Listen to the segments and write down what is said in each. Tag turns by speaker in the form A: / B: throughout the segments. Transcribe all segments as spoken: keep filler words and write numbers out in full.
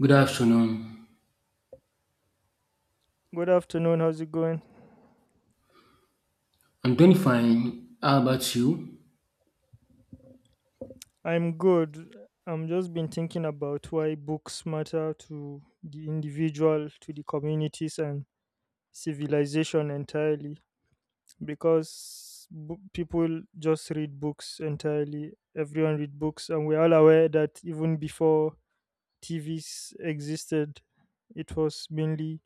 A: Good afternoon.
B: Good afternoon. How's it going?
A: I'm doing fine. How about you?
B: I'm good. I'm just been thinking about why books matter to the individual, to the communities, and civilization entirely. Because bo- people just read books entirely. Everyone read books, and we're all aware that even before T Vs existed, it was mainly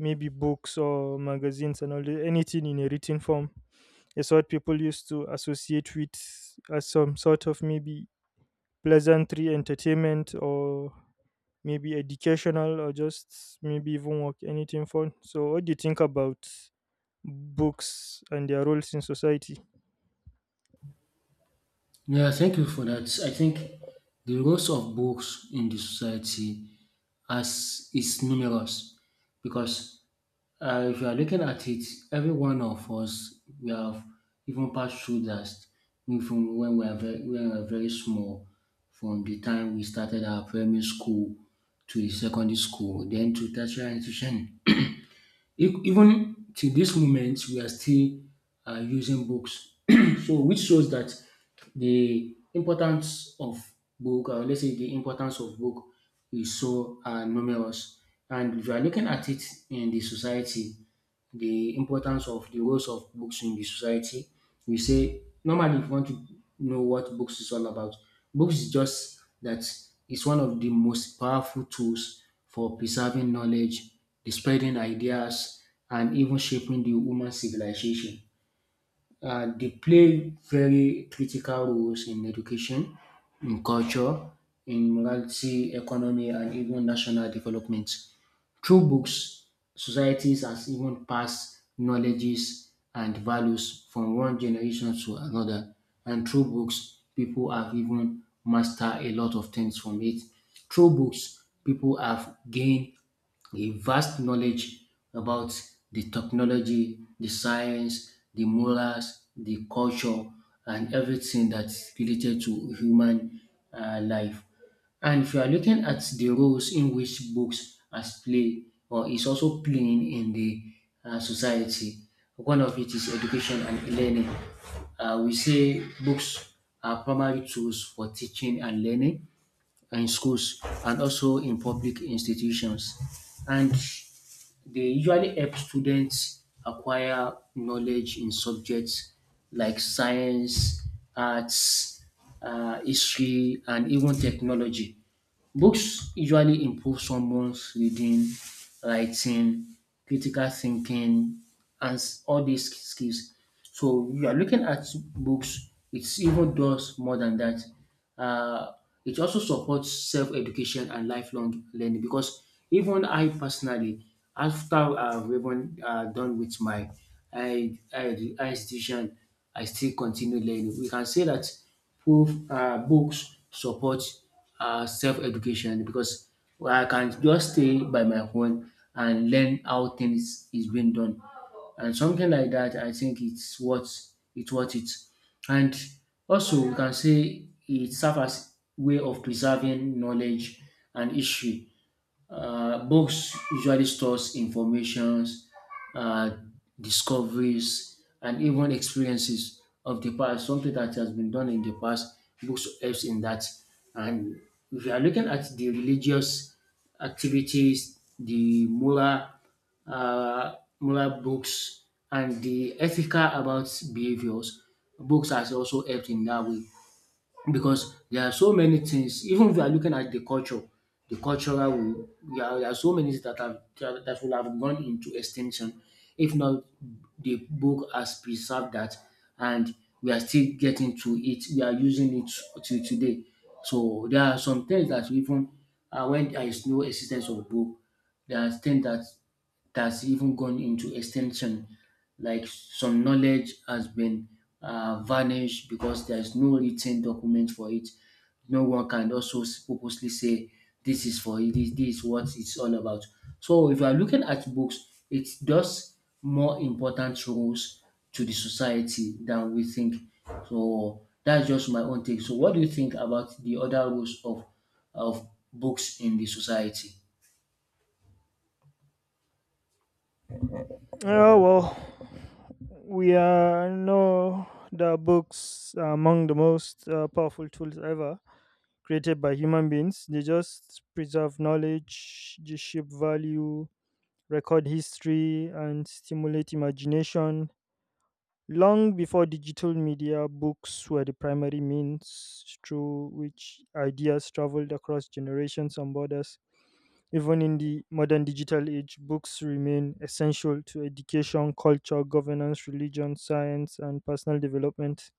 B: maybe books or magazines and all the, anything in a written form is what people used to associate with as some sort of maybe pleasantry, entertainment, or maybe educational, or just maybe even work, anything fun. So, what do you think about books and their roles in society?
A: Yeah, thank you for that. I think the roles of books in the society as is numerous because uh, if you are looking at it, every one of us we have even passed through that from when we are very, when we are very small, from the time we started our primary school to the secondary school, then to tertiary institution. E- Even till this moment, we are still uh, using books. So, which shows that the importance of book, or let's say the importance of book, is so uh, numerous. And if you are looking at it in the society, the importance of the roles of books in the society. We say normally if you want to know what books is all about, books is just that it's one of the most powerful tools for preserving knowledge, the spreading ideas, and even shaping the human civilization. Uh, they play very critical roles in education, in culture, in morality, economy, and even national development. Through books, societies has even passed knowledges and values from one generation to another. And through books, people have even mastered a lot of things from it. Through books, people have gained a vast knowledge about the technology, the science, the morals, the culture, and everything that's related to human uh, life. And if you are looking at the roles in which books has played or is also playing in the uh, society, one of it is education and learning. Uh, we say books are primary tools for teaching and learning in schools and also in public institutions. And they usually help students acquire knowledge in subjects like science, arts, uh, history, and even technology. Books usually improve someone's reading, writing, critical thinking, and s- all these skills. So you are looking at books, it even does more than that. Uh, it also supports self education and lifelong learning because even I personally, after I've even uh, done with my I, I, I institution, I still continue learning. We can say that proof um books support um self education because I can just stay by my own and learn how things is being done and something like that I think it's worth it's worth it. And also we can say it serves as way of preserving knowledge and history. Uh, books usually stores informations, uh, discoveries, and even experiences of the past. Something that has been done in the past, books helps in that. And if you are looking at the religious activities, the moral, uh, moral books, and the ethical about behaviors, books has also helped in that way because there are so many things even if you are looking at the culture the cultural will there are, there are so many things that have that, that will have gone into extinction if not the book has preserved that and we are still getting to it we are using it to today. So there are some things that even uh, when there is no existence of book there are things that that's even gone into extinction. Like some knowledge has been uh, vanished because there's no written document for it. No one can also s- purposely say this is for it, this, this is what it's all about. So if you are looking at books, it does more important roles to the society than we think. So that's just my own take. So what do you think about the other roles of of books in the society?
B: Oh, well, we are know that books are among the most uh, powerful tools ever created by human beings. They just preserve knowledge, they shape value, record history, and stimulate imagination. Long before digital media, books were the primary means through which ideas traveled across generations and borders. Even in the modern digital age, books remain essential to education, culture, governance, religion, science, and personal development.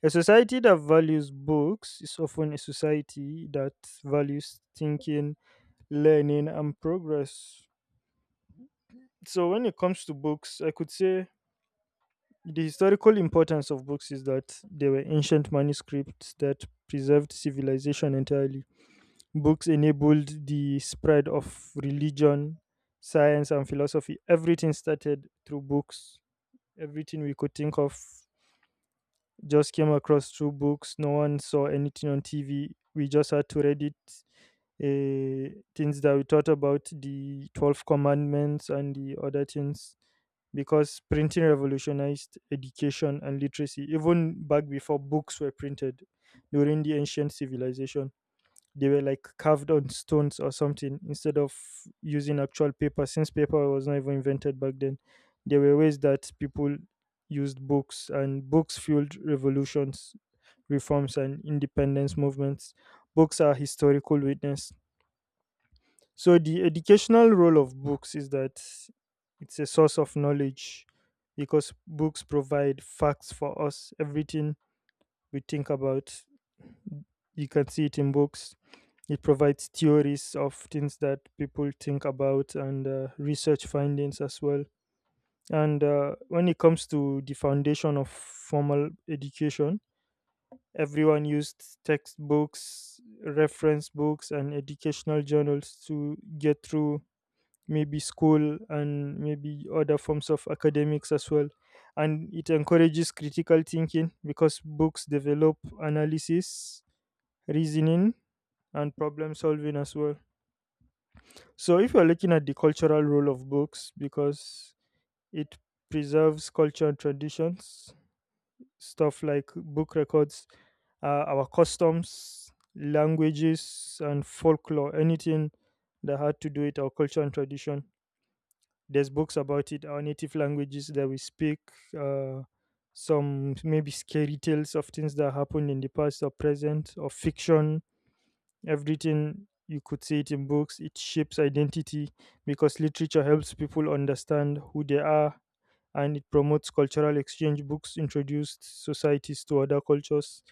B: A society that values books is often a society that values thinking, learning, and progress. So, when it comes to books, I could say the historical importance of books is that they were ancient manuscripts that preserved civilization entirely. Books enabled the spread of religion, science, and philosophy. Everything started through books. Everything we could think of just came across through books. No one saw anything on T V. We just had to read it. Uh, things that we thought about the twelve commandments and the other things, because printing revolutionized education and literacy. Even back before books were printed, during the ancient civilization, they were like carved on stones or something instead of using actual paper, since paper was not even invented back then. There were ways that people used books, and books fueled revolutions, reforms, and independence movements. Books are historical witness. So the educational role of books is that it's a source of knowledge, because books provide facts for us. Everything we think about, you can see it in books. It provides theories of things that people think about and uh, research findings as well. And uh, when it comes to the foundation of formal education, everyone used textbooks, reference books, and educational journals to get through maybe school and maybe other forms of academics as well. And it encourages critical thinking, because books develop analysis, reasoning, and problem solving as well. So if you're looking at the cultural role of books, because it preserves culture and traditions. Stuff like book records, uh, our customs, languages, and folklore, anything that had to do with our culture and tradition, there's books about it. Our native languages that we speak, uh, some maybe scary tales of things that happened in the past or present or fiction, everything you could see it in books. It shapes identity, because literature helps people understand who they are. And it promotes cultural exchange. Books introduced societies to other cultures.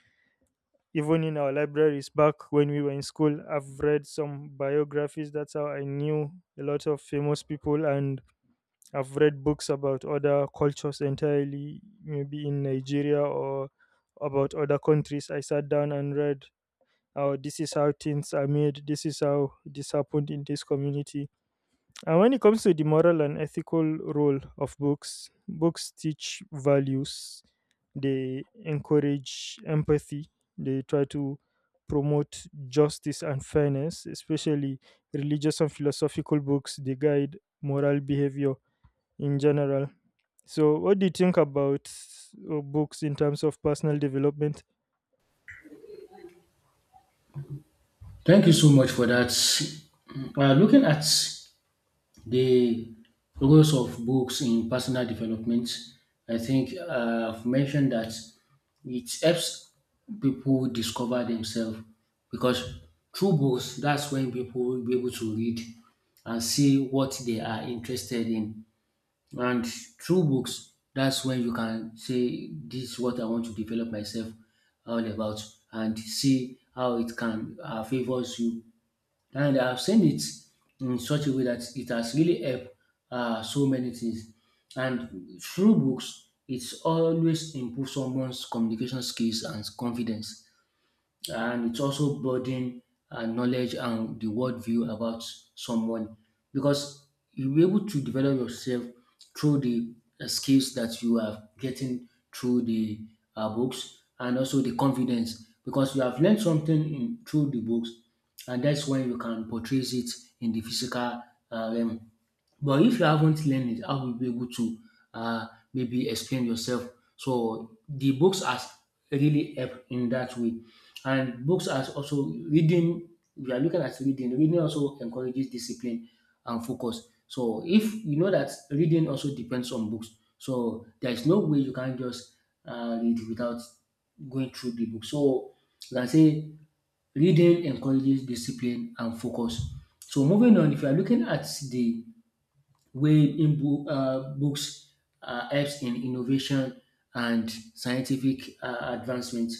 B: Even in our libraries back when we were in school, I've read some biographies. That's how I knew a lot of famous people. And I've read books about other cultures entirely, maybe in Nigeria or about other countries. I sat down and read, oh, this is how things are made, this is how this happened in this community. And when it comes to the moral and ethical role of books, books teach values, they encourage empathy, they try to promote justice and fairness, especially religious and philosophical books. They guide moral behavior in general. So, what do you think about uh, books in terms of personal development?
A: Thank you so much for that. Uh, looking at the roles of books in personal development, I think uh, I've mentioned that it helps people discover themselves because through books, that's when people will be able to read and see what they are interested in. And through books, that's when you can say, this is what I want to develop myself all about, and see how it can uh, favors you and I've seen it in such a way that it has really helped uh, so many things. And through books, it's always improve someone's communication skills and confidence and it's also broaden uh, knowledge and the worldview about someone because you'll be able to develop yourself through the uh, skills that you are getting through the uh, books and also the confidence because you have learned something in, through the books and that's when you can portray it in the physical uh, realm. But if you haven't learned it, how will you be able to uh, maybe explain yourself? So the books has really helped in that way. And books are also reading, we are looking at reading, reading also encourages discipline and focus. So if you know that reading also depends on books, so there is no way you can just uh, read without going through the book. So you can say reading encourages discipline and focus. So moving on, if you are looking at the way in bo- uh, books uh, helps in innovation and scientific uh, advancement.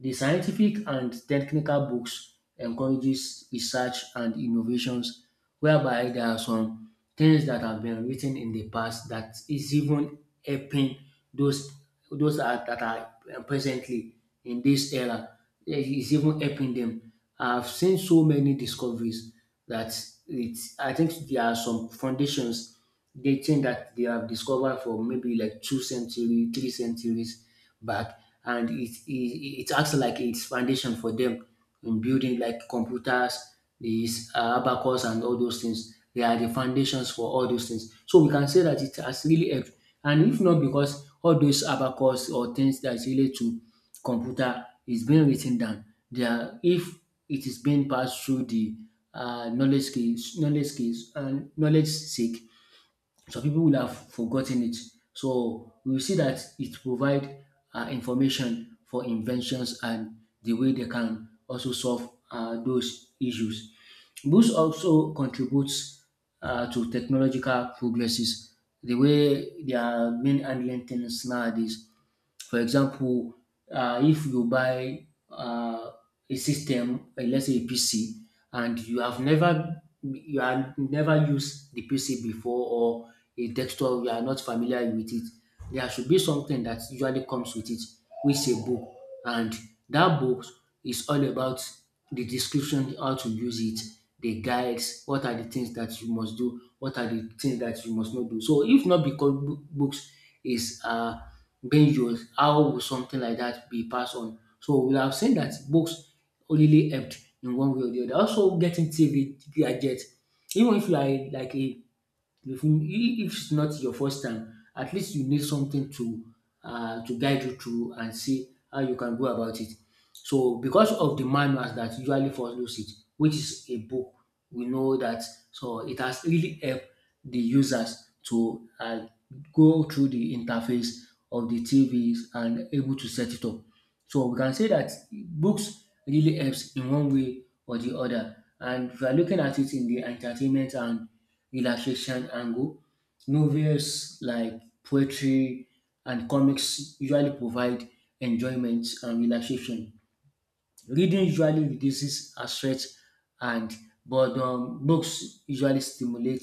A: The scientific and technical books encourages research and innovations, whereby there are some things that have been written in the past that is even helping those those are, that are uh, presently in this era. It is even helping them. I've seen so many discoveries that it's I think there are some foundations dating that they have discovered for maybe like two century, three centuries back, and it it, it acts like it's foundation for them in building like computers, these uh, abacus and all those things. They are the foundations for all those things. So we can say that it has really helped. And if not because all those abacus or things that is related to computer is being written down, they are if it is being passed through the uh, knowledge skills, knowledge skills, and knowledge seek. So people will have forgotten it. So we will see that it provides uh, information for inventions and the way they can also solve uh, those issues. Books also contributes uh, to technological progresses. The way they are being handling things nowadays for example, uh, if you buy uh, a system, uh, let's say a P C, and you have never you have never used the P C before or a desktop, you are not familiar with it, there should be something that usually comes with it, which is a book, and that book is all about the description how to use it, the guides, what are the things that you must do, what are the things that you must not do. So if not because bo- books is uh Benjus, how would something like that be passed on? So we have seen that books only helped in one way or the other. Also, getting T V gadgets, even if you are like a if, you- if it's not your first time, at least you need something to uh, to guide you through and see how you can go about it. So because of the manuals that usually follows it, which is a book, we know that so it has really helped the users to uh, go through the interface of the T Vs and able to set it up. So we can say that books really helps in one way or the other. And if you are looking at it in the entertainment and relaxation angle, novels like poetry and comics usually provide enjoyment and relaxation. Reading usually reduces our stress and but um, books usually stimulate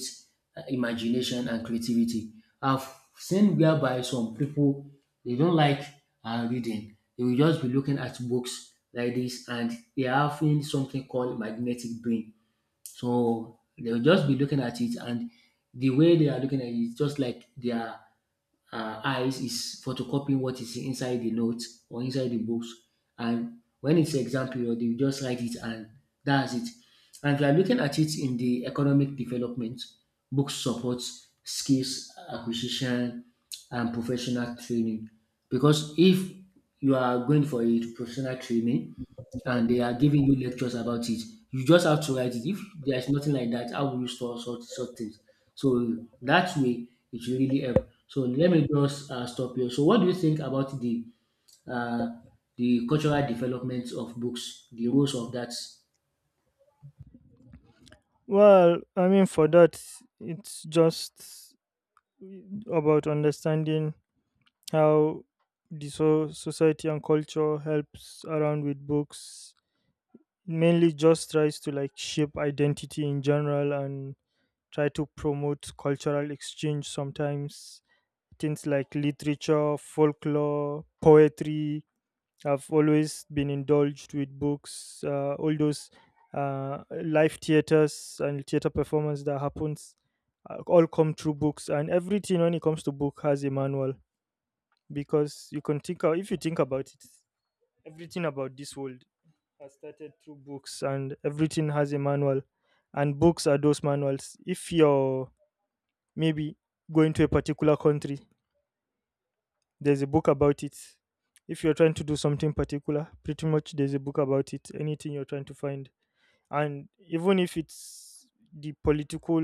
A: uh, imagination and creativity. I've seen whereby some people they don't like uh, reading. They will just be looking at books like this and they are having something called magnetic brain. So they'll just be looking at it and the way they are looking at it is just like they are uh, eyes is photocopying what is inside the notes or inside the books. And when it's exam period, they will just write it and that's it. And if you are looking at it in the economic development, books supports skills acquisition and professional training. Because if you are going for a professional training, and they are giving you lectures about it. You just have to write it. If there is nothing like that, how will you store such such things? So that way, it will really help. So let me just uh, stop here. So what do you think about the uh, the cultural development of books, the roles of that?
B: Well, I mean, for that, it's just about understanding how the so- society and culture helps around with books. Mainly, just tries to like shape identity in general and try to promote cultural exchange. Sometimes things like literature, folklore, poetry, I've always been indulged with books, uh, all those uh, live theaters and theater performance that happens, uh, all come through books, and everything when it comes to book has a manual. Because you can think of, if you think about it, everything about this world has started through books, and everything has a manual, and books are those manuals. If you're maybe going to a particular country, there's a book about it. If you're trying to do something particular, pretty much there's a book about it. Anything you're trying to find, and even if it's the political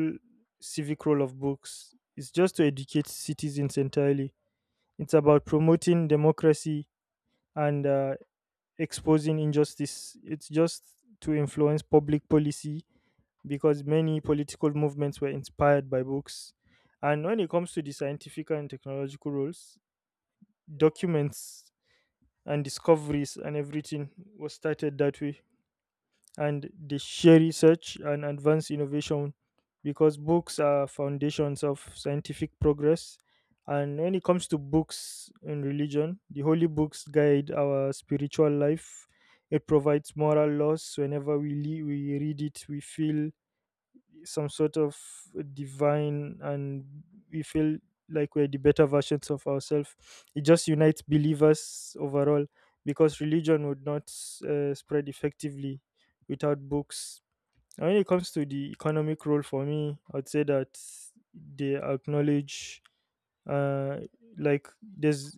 B: civic role of books, it's just to educate citizens entirely. It's about promoting democracy and uh, exposing injustice. It's just to influence public policy, because many political movements were inspired by books. And when it comes to the scientific and technological roles, documents and discoveries and everything was started that way, and they share research and advance innovation, because books are foundations of scientific progress. And when it comes to books in religion, the holy books guide our spiritual life. It provides moral laws. Whenever we, le- we read it, we feel some sort of divine, and we feel like we're the better versions of ourselves. It just unites believers overall, because religion would not uh, spread effectively without books. And when it comes to the economic role, for me I'd say that they acknowledge, uh, like there's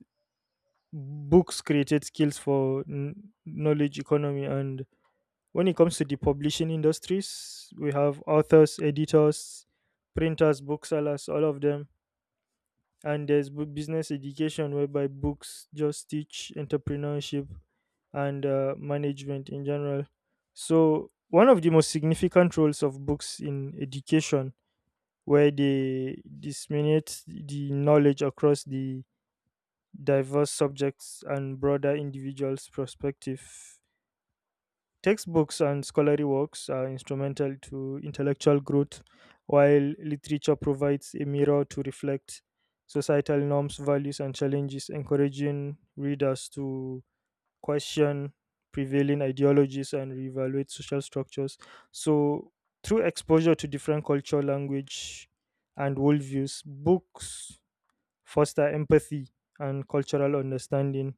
B: books created skills for n- knowledge economy. And when it comes to the publishing industries, we have authors, editors, printers, booksellers, all of them. And there's bu- business education, whereby books just teach entrepreneurship and uh, management in general. So, one of the most significant roles of books in education, where they disseminate the knowledge across the diverse subjects and broader individuals' perspective, textbooks and scholarly works are instrumental to intellectual growth, while literature provides a mirror to reflect societal norms, values, and challenges, encouraging readers to question prevailing ideologies and reevaluate social structures. So, through exposure to different culture, language, and worldviews, books foster empathy and cultural understanding,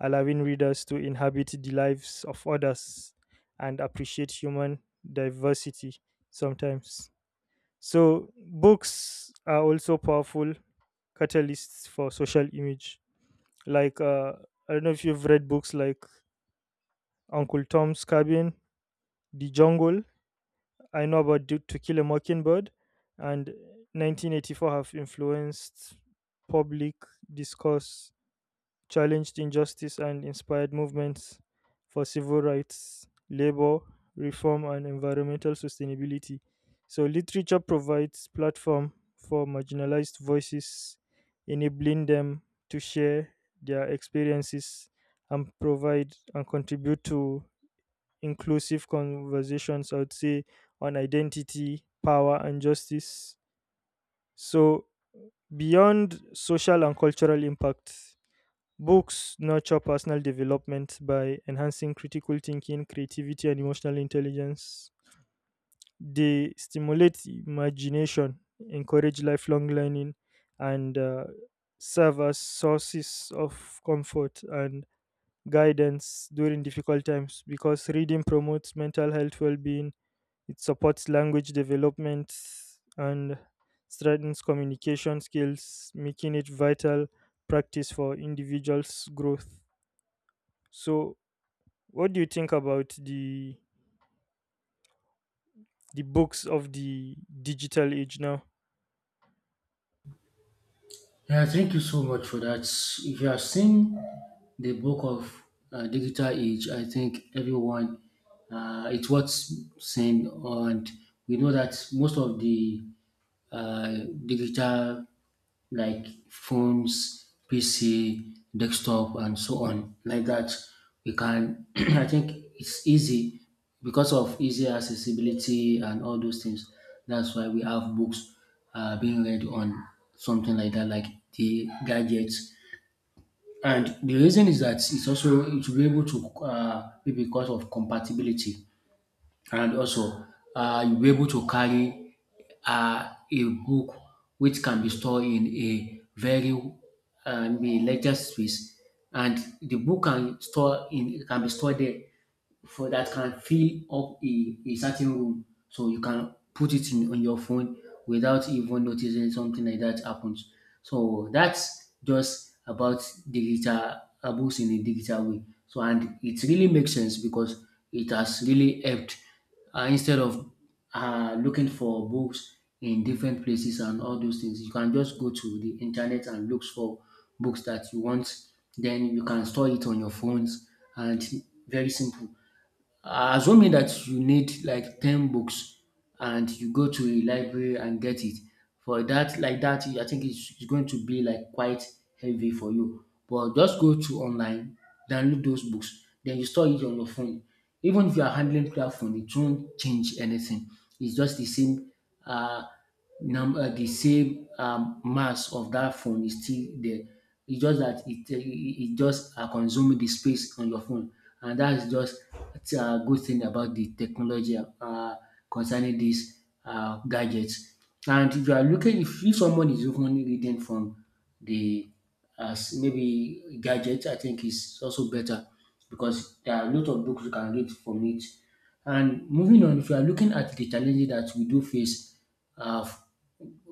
B: allowing readers to inhabit the lives of others and appreciate human diversity sometimes. So, books are also powerful catalysts for social image. Like, uh, I don't know if you've read books like Uncle Tom's Cabin, The Jungle, I know about Do- To Kill a Mockingbird, and nineteen eighty-four, have influenced public discourse, challenged injustice, and inspired movements for civil rights, labor reform, and environmental sustainability. So, literature provides platform for marginalized voices, enabling them to share their experiences and provide and contribute to inclusive conversations, I would say, on identity, power, and justice. So, beyond social and cultural impact, books nurture personal development by enhancing critical thinking, creativity, and emotional intelligence. They stimulate imagination, encourage lifelong learning, and uh, serve as sources of comfort and guidance during difficult times, because reading promotes mental health well being, it supports language development, and strengthens communication skills, making it vital practice for individuals' growth. So, what do you think about the the books of the digital age now?
A: Yeah, thank you so much for that. If you have seen the book of uh, digital age, I think everyone uh, it's what's saying, and we know that most of the uh, digital like phones, P C, desktop, and so on, like that. We can, I think it's easy because of easy accessibility and all those things. That's why we have books uh, being read on something like that, like the gadgets. And the reason is that it's also it will be able to uh, be because of compatibility, and also uh, you'll be able to carry uh, a book which can be stored in a very um, a larger space, and the book can store in can be stored there for that can fill up a, a certain room, so you can put it in on your phone without even noticing something like that happens. So that's just about digital uh, books in a digital way. So, and it really makes sense because it has really helped. Uh, instead of uh, looking for books in different places and all those things, you can just go to the internet and look for books that you want, then you can store it on your phones. And very simple. Uh, assuming that you need like ten books and you go to a library and get it for that like that, I think it's it's going to be like quite heavy for you, but just go to online, download those books, then you store it on your phone. Even if you are handling cloud phone, it won't change anything. It's just the same. uh, num- uh, the same um, mass of that phone is still there. It's just that it, uh, it, it just uh, consuming the space on your phone. And that is just a uh, good thing about the technology uh, concerning these uh, gadgets. And if you are looking, if, if someone is only reading from the as maybe gadget, I think is also better because there are a lot of books you can read from it. And moving on, if you are looking at the challenges that we do face, uh, f-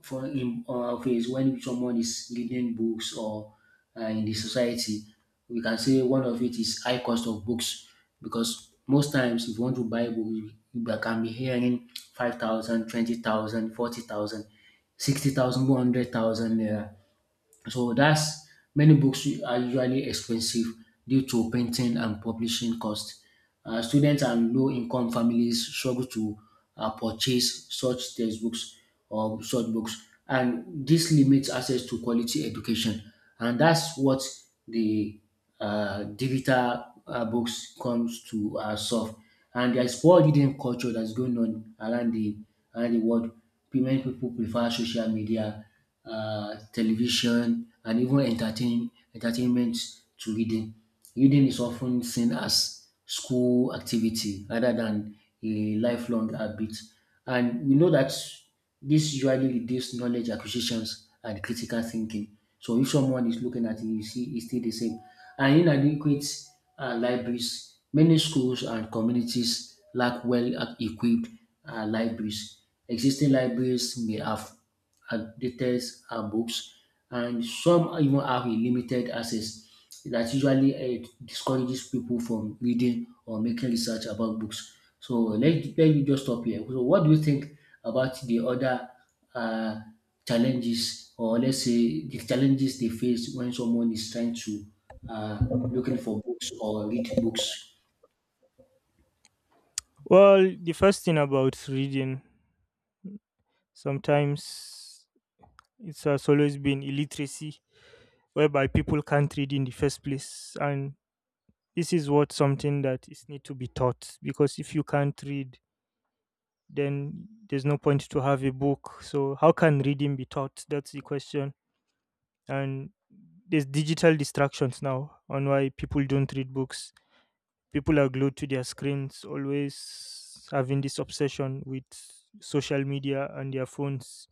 A: for in uh, face when someone is reading books or uh, in the society, we can say one of it is high cost of books. Because most times, if you want to buy book, you you can be hearing five thousand, twenty thousand, forty thousand, sixty thousand, one hundred thousand. So that's, many books are usually expensive due to printing and publishing costs. Uh, students and low-income families struggle to uh, purchase such textbooks or such books, and this limits access to quality education. And that's what the uh, digital uh, books comes to uh, solve. And there's poor reading culture that's going on around the around the world. Many people prefer social media, uh, television, and even entertain, entertainment to reading. Reading is often seen as school activity rather than a lifelong habit. And we know that this usually reduces knowledge acquisitions and critical thinking. So if someone is looking at it, you see it's still the same. And inadequate uh, libraries, many schools and communities lack well-equipped uh, libraries. Existing libraries may have outdated uh, books, and some even have a limited access that usually uh, discourages people from reading or making research about books. So let, let me just stop here. So what do you think about the other uh, challenges, or let's say the challenges they face when someone is trying to uh, looking for books or read books?
B: Well, the first thing about reading, sometimes it has always been illiteracy, whereby people can't read in the first place, and this is what something that is need to be taught, because if you can't read, then there's no point to have a book. So, how can reading be taught? That's the question. And there's digital distractions now on why people don't read books. People are glued to their screens, always having this obsession with social media and their phones.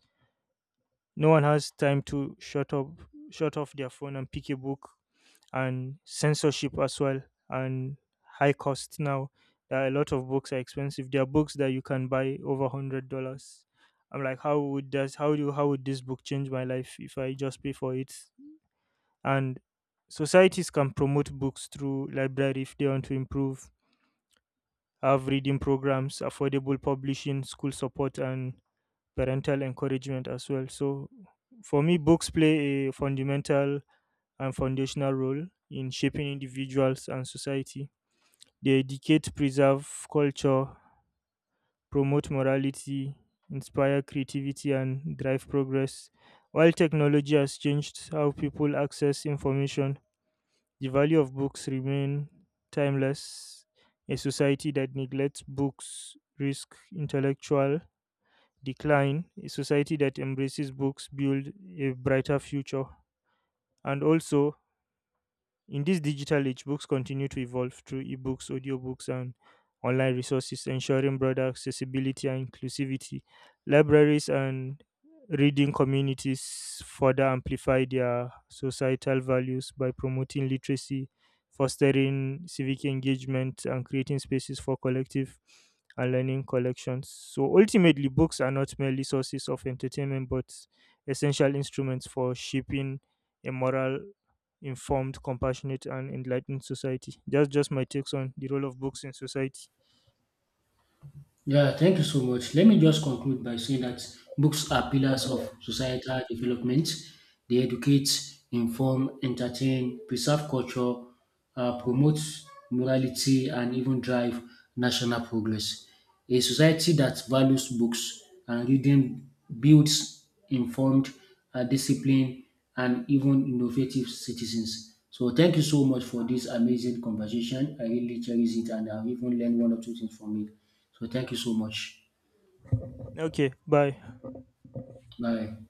B: No one has time to shut up, shut off their phone and pick a book. And censorship as well. And high cost now, that a lot of books are expensive. There are books that you can buy over one hundred dollars. I'm like, how would this, how do, how would this book change my life if I just pay for it? And societies can promote books through library if they want to improve. Have reading programs, affordable publishing, school support, and parental encouragement as well. So, for me, books play a fundamental and foundational role in shaping individuals and society. They educate, preserve culture, promote morality, inspire creativity, and drive progress. While technology has changed how people access information, the value of books remain timeless. A society that neglects books risk intellectual decline. A society that embraces books build a brighter future. And also, in this digital age, books continue to evolve through ebooks, audiobooks, and online resources, ensuring broader accessibility and inclusivity. Libraries and reading communities further amplify their societal values by promoting literacy, fostering civic engagement, and creating spaces for collective and learning collections. So ultimately, books are not merely sources of entertainment but essential instruments for shaping a moral, informed, compassionate, and enlightened society. That's just my takes on the role of books in society.
A: Yeah, thank you so much. Let me just conclude by saying that books are pillars of societal development. They educate, inform, entertain, preserve culture, uh, promote morality, and even drive national progress. A society that values books and reading builds informed, uh, disciplined, and even innovative citizens. So, thank you so much for this amazing conversation. I really cherish it, and I've even learned one or two things from it. So thank you so much.
B: Okay, bye.
A: Bye.